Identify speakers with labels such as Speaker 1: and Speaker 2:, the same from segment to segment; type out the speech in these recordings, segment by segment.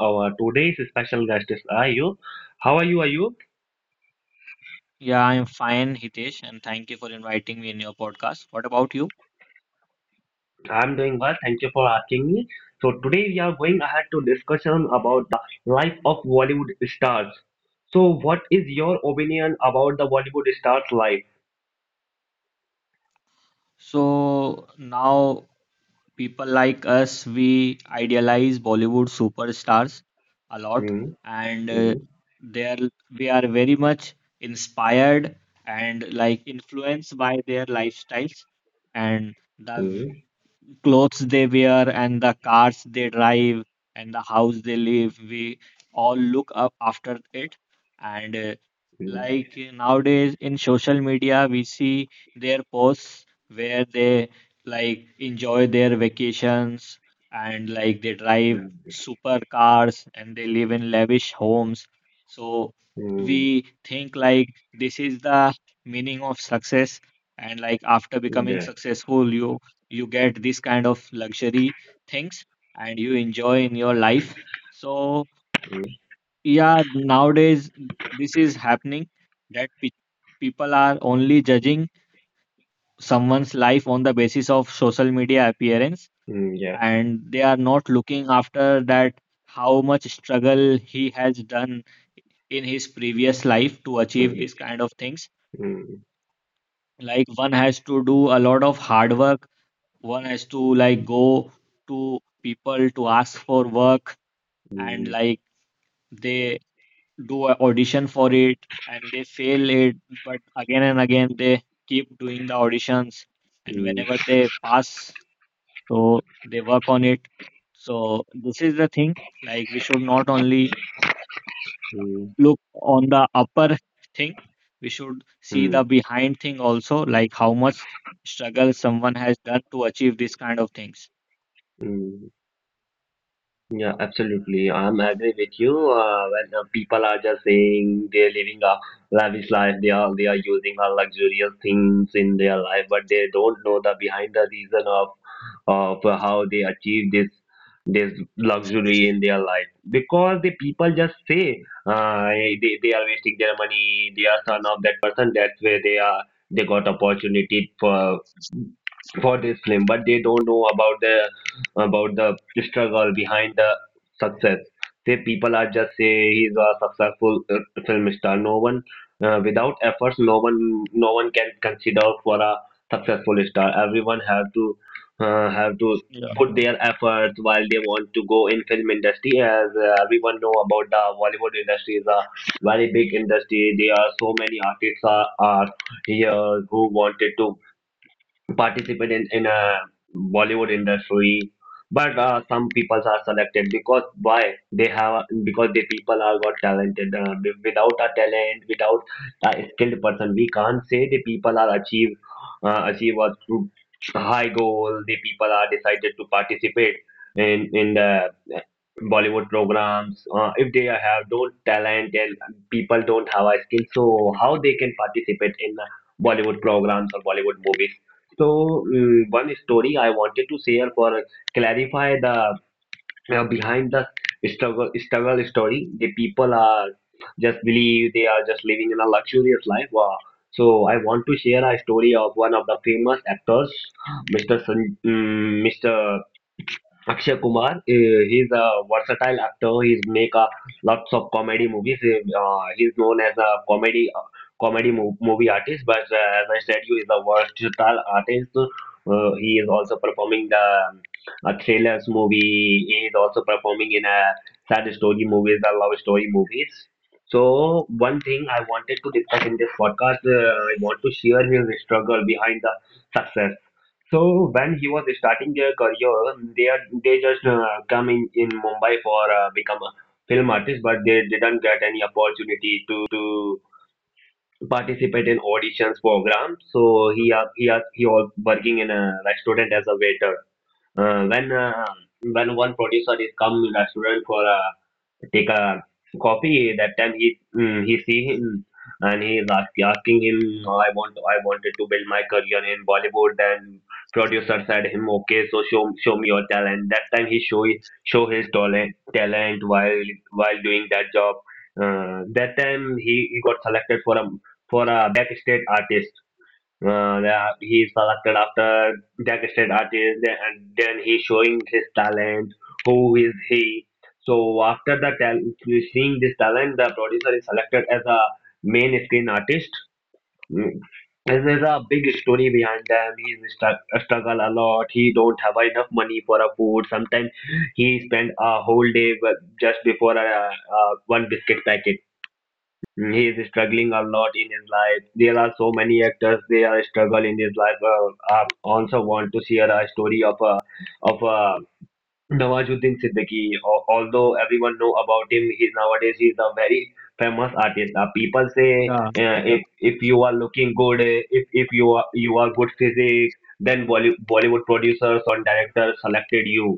Speaker 1: Our today's special guest is Ayub. How are you, Ayub?
Speaker 2: Yeah, I'm fine, Hitesh, and thank you for inviting me in your podcast. What about you?
Speaker 1: I am doing well. Thank you for asking me. So today we are going ahead to discussion about the life of Bollywood stars. So what is your opinion about the Bollywood stars' life?
Speaker 2: So now people like us, we idealize Bollywood superstars a lot,
Speaker 1: Hmm,
Speaker 2: and
Speaker 1: hmm,
Speaker 2: they are we are very much inspired and like influenced by their lifestyles and the
Speaker 1: hmm,
Speaker 2: clothes they wear and the cars they drive and the house they live. We all look up after it, and
Speaker 1: hmm,
Speaker 2: like nowadays in social media we see their posts where they like enjoy their vacations and like they drive
Speaker 1: hmm,
Speaker 2: super cars and they live in lavish homes. So we think like this is the meaning of success, and like after becoming
Speaker 1: Yeah.
Speaker 2: successful you get this kind of luxury things and you enjoy in your life. So
Speaker 1: hmm,
Speaker 2: yeah, nowadays this is happening, that people are only judging someone's life on the basis of social media appearance,
Speaker 1: Yeah.
Speaker 2: and they are not looking after that how much struggle he has done in his previous life to achieve this
Speaker 1: hmm,
Speaker 2: kind of things.
Speaker 1: hmm,
Speaker 2: Like one has to do a lot of hard work, one has to like go to people to ask for work, and
Speaker 1: hmm,
Speaker 2: like they do a audition for it and they fail it, but again and again they keep doing the auditions, and
Speaker 1: hmm,
Speaker 2: whenever they pass so they work on it. So this is the thing, like we should not only
Speaker 1: hmm,
Speaker 2: look on the upper thing, we should see
Speaker 1: hmm.
Speaker 2: the behind thing also, like how much struggle someone has done to achieve these kind of things.
Speaker 1: hmm. Yeah, absolutely. I'm agree with you. When people are just saying they're living a lavish life, they are using a luxurious things in their life, but they don't know the behind the reason of how they achieve this luxury in their life. Because the people just say they are wasting their money. They are son of that person. That's where they are. They got opportunity for this film, but they don't know about the struggle behind the success. Say people are just say he's a successful film star. No one without efforts, no one can consider for a successful star. Everyone have to
Speaker 2: Yeah,
Speaker 1: put their efforts while they want to go in film industry. As everyone know about the Bollywood industry is a very big industry. There are so many artists are here who wanted to participate in a Bollywood industry, but some people are selected because why they have because the people are got talented. Without a talent, without a skilled person, we can't say the people are achieve achieve a true high goal. The people are decided to participate in the Bollywood programs. If they have don't talent and people don't have a skill, so how they can participate in Bollywood programs or Bollywood movies? So one story I wanted to share for clarify the behind the struggle story. The people are just believe they are just living in a luxurious life. Wow. So I want to share a story of one of the famous actors, Mr. Sun, mm Mr. Akshay Kumar. He's a versatile actor. He's make a lots of comedy movies. He's known as a comedy movie artist. But as I said, you is a versatile artist. He is also performing the a thrillers movie. He is also performing in a sad story movies, a love story movies. So one thing I wanted to discuss in this podcast, I want to share his struggle behind the success. So when he was starting their career, they just come in Mumbai for become a film artist, but they didn't get any opportunity to participate in auditions program. So he was working in a restaurant as a waiter. When when one producer is come in restaurant for a take a coffee, that time he see him and asking him, I want, I wanted to build my career in Bollywood. Then producer said him, okay, so show me your talent. That time he show show his talent while doing that job. That time he got selected for a backstage artist, that he's selected after decorated artist, and then he's showing his talent who is he. So after the seeing this talent, the producer is selected as a main screen artist. Mm. And there's a big story behind them. He's stru- struggle a lot. He don't have enough money for a food. Sometimes he spend a whole day but just before a one biscuit packet. He is struggling a lot in his life. There are so many actors they are struggle in his life. I also want to share a story of a Nawazuddin Siddiqui. Although everyone know about him, he's nowadays he's a very famous artist. People say
Speaker 2: yeah.
Speaker 1: if you are looking good, if you are you are good physique, then Bollywood producers or directors selected you.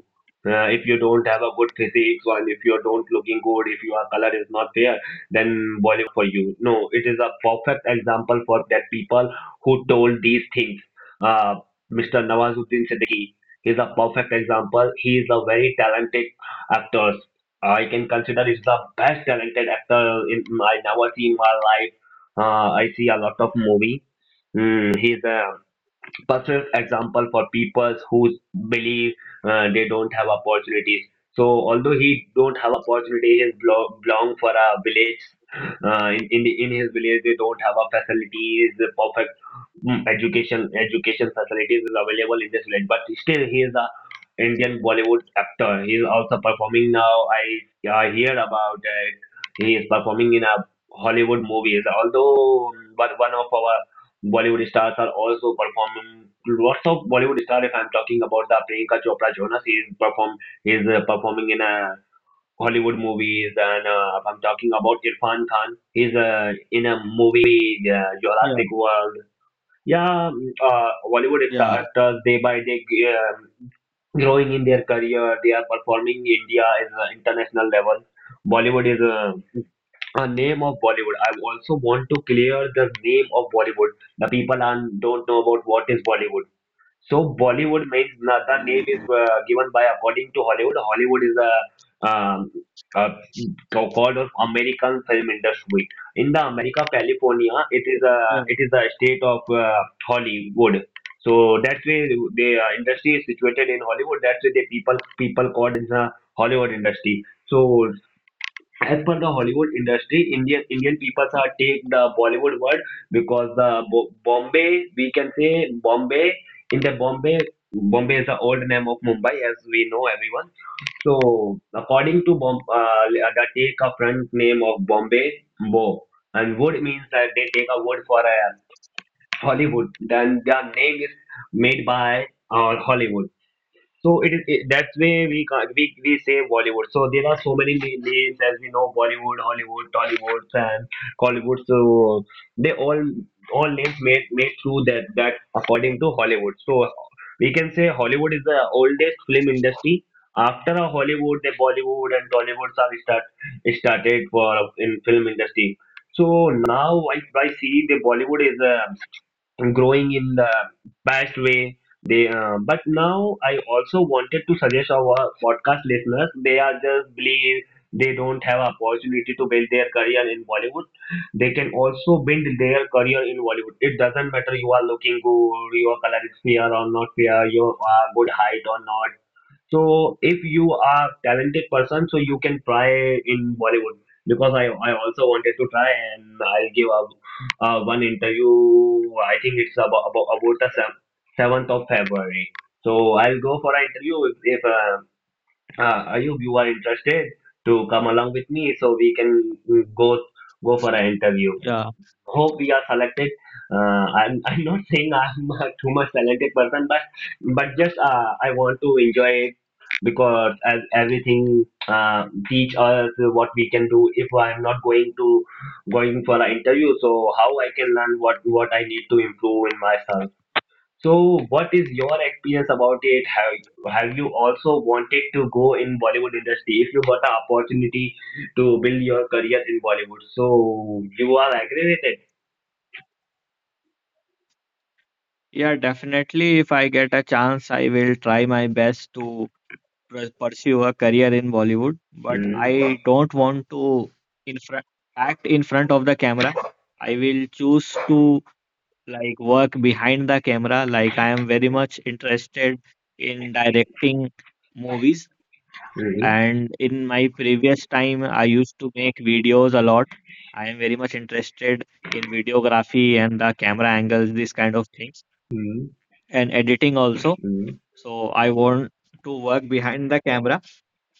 Speaker 1: If you don't have a good physique, or if you don't looking good, if your color is not there, then Bollywood is not for you. No, it is a perfect example for that people who told these things. Uh, Mr. Nawazuddin Siddiqui. He's a perfect example. He is a very talented actor. I can consider he's the best talented actor in I never see in my life. I see a lot of movie. He's a perfect example for people who believe they don't have opportunities. So although he don't have opportunity, he belong for a village. In the in his village, they don't have a facilities, the perfect education education facilities is available in this village. But still, he is a Indian Bollywood actor. He is also performing now. I hear about it. He is performing in a Hollywood movies. Although one of our Bollywood stars are also performing. Lots of Bollywood stars. If I'm talking about the Priyanka Chopra Jonas, he is perform he is performing in a Hollywood movies, and if I'm talking about Irfan Khan, he's in a movie Jurassic World. Yeah, Bollywood
Speaker 2: Yeah,
Speaker 1: actors day by day um growing in their career. They are performing India as international level. Bollywood is a name of Bollywood. I also want to clear the name of Bollywood. The people are, don't know about what is Bollywood. So Bollywood means the name is given by according to Hollywood. Hollywood is um, a so called of American film industry. In the America, California,
Speaker 2: yeah,
Speaker 1: it is a state of Hollywood. So that's why the industry is situated in Hollywood. That's why the people called in the Hollywood industry. So as per the Hollywood industry, Indian people are take the Bollywood word because the Bombay, we can say Bombay, in the Bombay. Bombay is the old name of Mumbai, as we know everyone. So according to the take a front name of Bombay, Bo, and wood means that they take a wood for a Hollywood. Then their name is made by Hollywood. So it is it, that's way we can we say Bollywood. So there are so many names as we know Bollywood, Hollywood, Tollywood, and Collywood. So they all names made through that that according to Hollywood. So we can say Hollywood is the oldest film industry. After a Hollywood, the Bollywood and Tollywoods are start started for in film industry. So now I see the Bollywood is a growing in the best way they but now I also wanted to suggest our podcast listeners they are just believe they don't have opportunity to build their career in Bollywood, they can also build their career in Bollywood. It doesn't matter you are looking good, your color is fair or not fair, you are good height or not. So if you are talented person, so you can try in Bollywood because I also wanted to try and I'll give a one interview. I think it's about about the 7th of February. So I'll go for an interview, if Ayub you are interested to come along with me, so we can go go for an interview,
Speaker 2: yeah,
Speaker 1: hope we are selected. I'm, I'm not saying I'm too much talented person, but just I want to enjoy it because as everything teach us what we can do. If I'm not going to going for an interview, so how I can learn what I need to improve in myself. So what is your experience about it? Have you also wanted to go in Bollywood industry if you got an opportunity to build your career in Bollywood? So you are agree with it?
Speaker 2: yeah, definitely. If I get a chance, I will try my best to pursue a career in Bollywood, but
Speaker 1: Mm,
Speaker 2: I don't want to in front act in front of the camera. I will choose to like work behind the camera. Like I am very much interested in directing movies,
Speaker 1: mm,
Speaker 2: and in my previous time, I used to make videos a lot. I am very much interested in videography and the camera angles, these kind of things,
Speaker 1: mm,
Speaker 2: and editing also.
Speaker 1: mm,
Speaker 2: So I want to work behind the camera.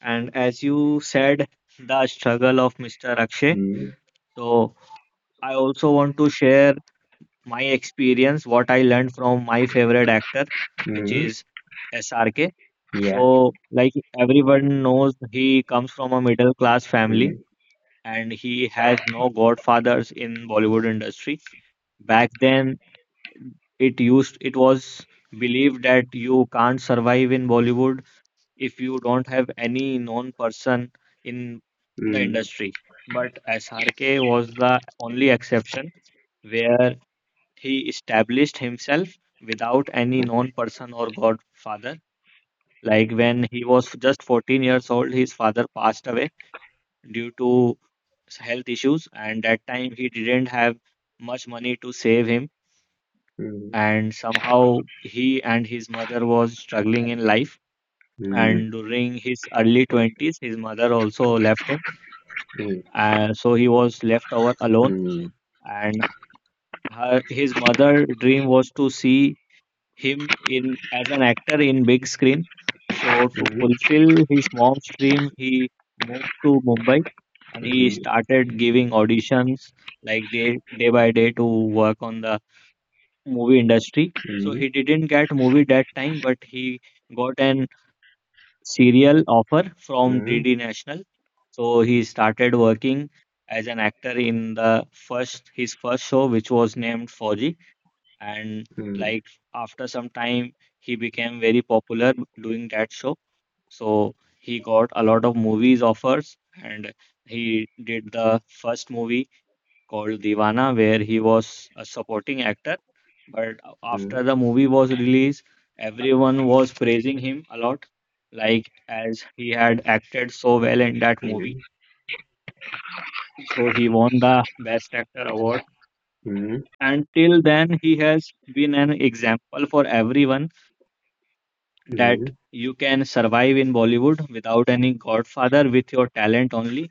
Speaker 2: And as you said, the struggle of Mr. Akshay.
Speaker 1: mm,
Speaker 2: So I also want to share my experience, what I learned from my favorite actor, which
Speaker 1: mm,
Speaker 2: is SRK.
Speaker 1: yeah,
Speaker 2: So, like everyone knows, he comes from a middle class family
Speaker 1: mm,
Speaker 2: and he has no godfathers in Bollywood industry. Back then, it was believed that you can't survive in Bollywood if you don't have any known person in the
Speaker 1: mm,
Speaker 2: industry. But SRK was the only exception, where he established himself without any known person or godfather. Like when he was just 14 years old, his father passed away due to health issues, and that time he didn't have much money to save him.
Speaker 1: mm,
Speaker 2: And somehow he and his mother was struggling in life.
Speaker 1: mm, mm,
Speaker 2: And during his early 20s, his mother also left him,
Speaker 1: mm,
Speaker 2: and so he was left over
Speaker 1: mm,
Speaker 2: alone.
Speaker 1: mm, mm, mm, mm, mm, mm, mm, mm,
Speaker 2: And her, his mother dream was to see him in as an actor in big screen. So
Speaker 1: mm,
Speaker 2: to
Speaker 1: mm, mm, mm,
Speaker 2: fulfill his mom's dream, he moved to Mumbai and he started giving auditions like day by day to work on the movie industry. So he didn't get movie that time, but he got an serial offer from DD National. So he started working as an actor in the first his first show, which was named Fauji. And like after some time, he became very popular doing that show. So he got a lot of movies offers, and he did the first movie called Divana, where he was a supporting actor. But after the movie was released, everyone was praising him a lot, like as he had acted so well in that
Speaker 1: mm,
Speaker 2: movie.
Speaker 1: mm,
Speaker 2: So he won the Best Actor award.
Speaker 1: mm,
Speaker 2: And till then, he has been an example for everyone that you can survive in Bollywood without any godfather with your talent only.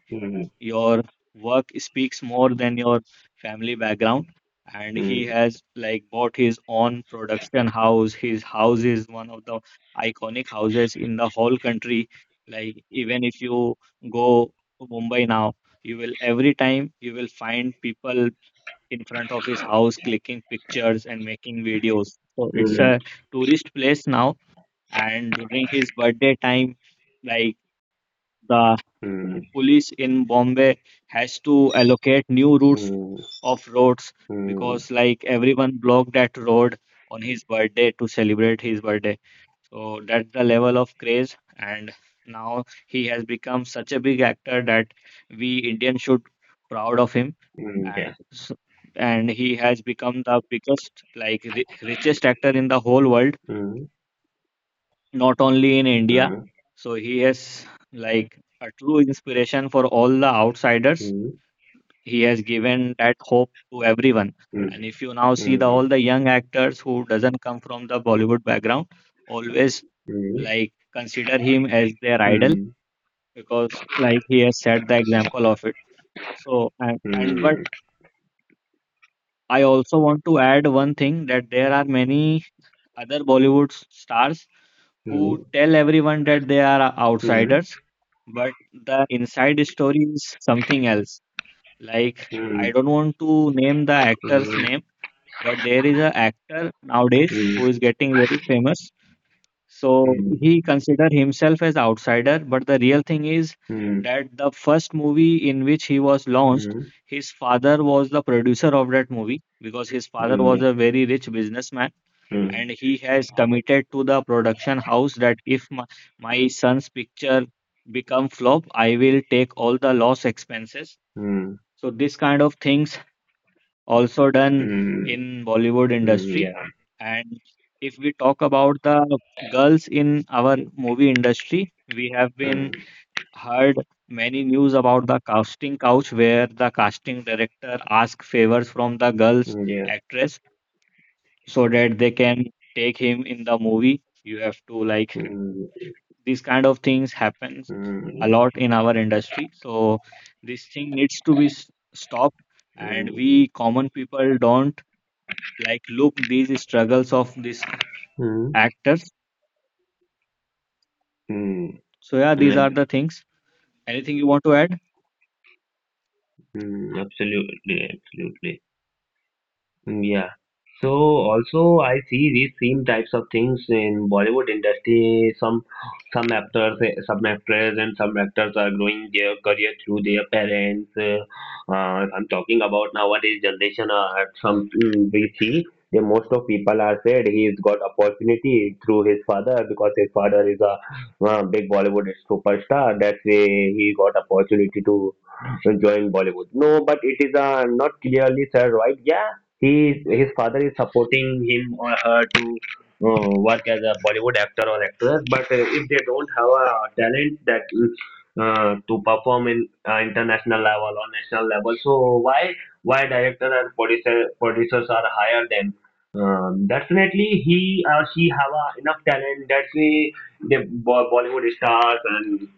Speaker 2: Your work speaks more than your family background. And he has like bought his own production house. His house is one of the iconic houses in the whole country. Like even if you go to Mumbai now, you will every time you will find people in front of his house clicking pictures and making videos. So it's a tourist place now. And during his birthday time, like the police in Bombay has to allocate new routes of roads, because like everyone blocked that road on his birthday to celebrate his birthday. So that's the level of craze. And now he has become such a big actor that we Indians should proud of him,
Speaker 1: mm,
Speaker 2: and
Speaker 1: yeah,
Speaker 2: s- and he has become the biggest like richest actor in the whole world,
Speaker 1: mm,
Speaker 2: not only in India.
Speaker 1: mm,
Speaker 2: So he is like a true inspiration for all the outsiders.
Speaker 1: mm,
Speaker 2: He has given that hope to everyone, and if you now
Speaker 1: mm,
Speaker 2: see the
Speaker 1: mm,
Speaker 2: all the young actors who doesn't come from the Bollywood background always
Speaker 1: mm, mm, mm,
Speaker 2: like consider him as their idol,
Speaker 1: mm, mm, mm,
Speaker 2: because like he has set the example of it. So and but
Speaker 1: mm,
Speaker 2: I also want to add one thing, that there are many other Bollywood stars who
Speaker 1: mm,
Speaker 2: tell everyone that they are outsiders, but the inside story is something else. Like I don't want to name the actor's name, but there is an actor nowadays who is getting very famous. So he consider himself as outsider, but the real thing is
Speaker 1: mm, mm, mm.
Speaker 2: that the first movie in which he was launched,
Speaker 1: mm,
Speaker 2: his father was the producer of that movie, because his father
Speaker 1: Mm,
Speaker 2: was
Speaker 1: yeah.
Speaker 2: a very rich businessman
Speaker 1: Mm,
Speaker 2: and he has committed to the production house that if my son's picture become flop, I will take all the loss expenses.
Speaker 1: mm,
Speaker 2: So this kind of things also done
Speaker 1: mm,
Speaker 2: in Bollywood industry.
Speaker 1: yeah.
Speaker 2: And if we talk about the girls in our movie industry, we have
Speaker 1: Mm,
Speaker 2: been heard many news about the casting couch, where the casting director ask favors from the girls
Speaker 1: yeah.
Speaker 2: actress so that they can take him in the movie. You have to like
Speaker 1: Mm,
Speaker 2: these kind of things happens a
Speaker 1: mm,
Speaker 2: lot in our industry. So this thing needs to be stopped, and
Speaker 1: mm,
Speaker 2: we common people don't like look these struggles of these co-
Speaker 1: mm,
Speaker 2: actors
Speaker 1: mm,
Speaker 2: So yeah,
Speaker 1: mm,
Speaker 2: these are
Speaker 1: ab-
Speaker 2: the things. Anything you want to add?
Speaker 1: mm, absolutely, absolutely. Yeah. So also I see these same types of things in Bollywood industry. Some actors, eh, some actors, and some actors are growing their career through their parents. I'm talking about nowadays generation. At some we see the most of people are said he's got opportunity through his father because his father is a big Bollywood superstar. That's why he got opportunity to join Bollywood. No, but it is not clearly said, right? Yeah, he his father is supporting him or her to work as a Bollywood actor or actress. But if they don't have a talent that to perform in international level or national level, so why why director and producers are higher than? Definitely, he or she have a enough talent. That's why the Bollywood stars and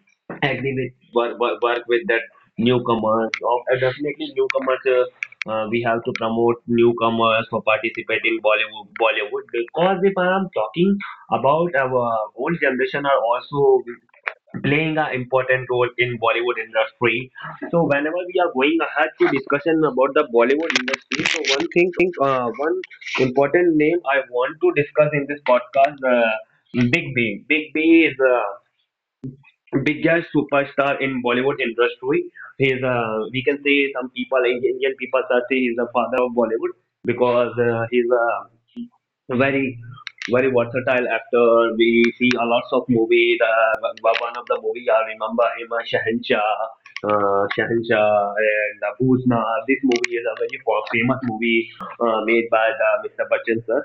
Speaker 1: agree with work with that newcomers. Or definitely newcomers. We have to promote newcomers for participating Bollywood, because if I am talking about our old generation are also playing an important role in Bollywood industry. So whenever we are going ahead to discussion about the Bollywood industry, so one thing, one important name I want to discuss in this podcast, Big B. Big B is biggest superstar in Bollywood industry. He is a, we can say some people, Indian people, are say he's is the father of Bollywood because he a very very versatile actor. We see a lots of movie. The one of the movie I remember him, Shahanshah, Shahanshah and Bhusna. This movie is a very famous movie made by the Mr. Bachchan sir.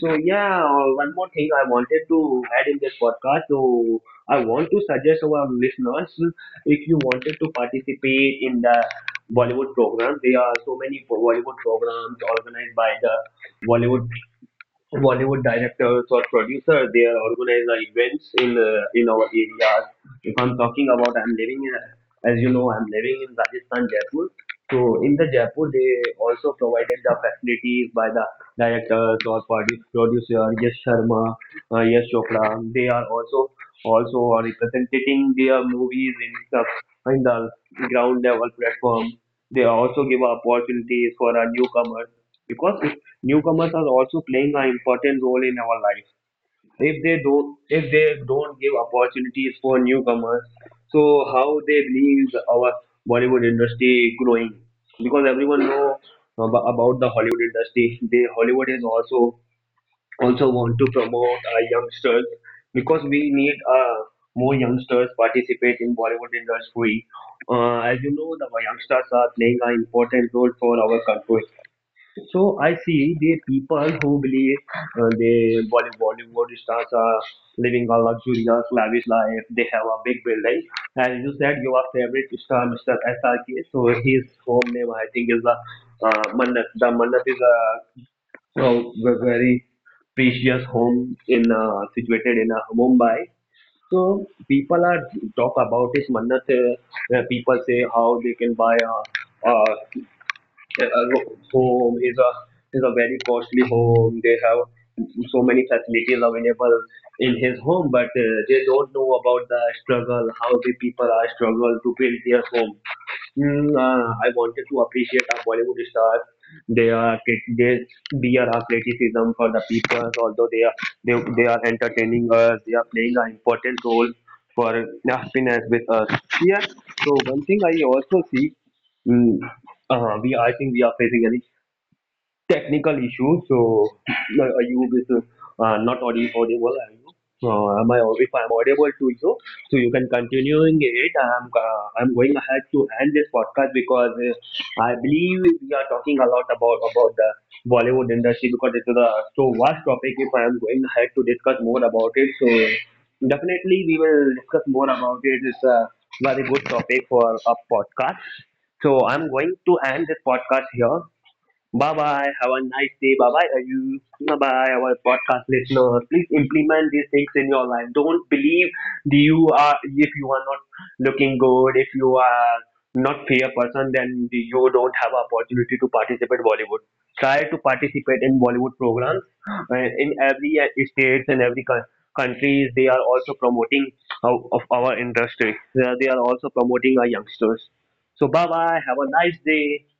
Speaker 1: So yeah, one more thing I wanted to add in this podcast. So I want to suggest our listeners if you wanted to participate in the Bollywood program, there are so many Bollywood programs organized by the Bollywood Bollywood directors or producers, they are organize events in our areas. If I'm talking about, I'm living in, as you know, I'm living in Rajasthan, Jaipur. So in the Jaipur, they also provided the facilities by the directors or producer, Yash Sharma, Yash Chopra. They are also are representing their movies in the ground level platform. They also give opportunities for our newcomers because if newcomers are also playing an important role in our life if they don't give opportunities for newcomers so how they leave our Bollywood industry growing because everyone know about the Hollywood industry, they Hollywood is also want to promote youngsters because we need more youngsters participate in Bollywood industry. As you know the youngsters are playing an important role for our country, so I see the people who believe the Bollywood stars are living a luxurious, lavish life. They have a big building. And you said your favorite star, Mr. SRK. So his home name, I think, is the Mannat. The Mannat is a, well, a very precious home in situated in Mumbai. So people are talk about this Mannat. People say how they can buy a yeah, a home is a very costly home. They have so many facilities available in his home, but they don't know about the struggle, how the people are struggle to build their home. Mm, I wanted to appreciate our Bollywood stars. They are they bear our criticism for the people, although they are entertaining us. They are playing an important role for happiness with us. Yes. So one thing I also see. Mm huh. We I think we are facing an technical issue, so are you is not audible. Are you? Am I, if I'm audible to you, so you can continuing it. I'm going ahead to end this podcast because I believe we are talking a lot about the Bollywood industry because it is a so vast topic. If I am going ahead to discuss more about it, so definitely we will discuss more about it. It's a very good topic for a podcast. So I'm going to end this podcast here. Bye bye. Have a nice day. Bye bye, you bye bye, our podcast listeners. Please implement these things in your life. Don't believe that you are if you are not looking good, if you are not fair person, then you don't have opportunity to participate Bollywood. Try to participate in Bollywood programs. In every states and every countries, they are also promoting of our industry. They are also promoting our youngsters. So bye bye. Have a nice day.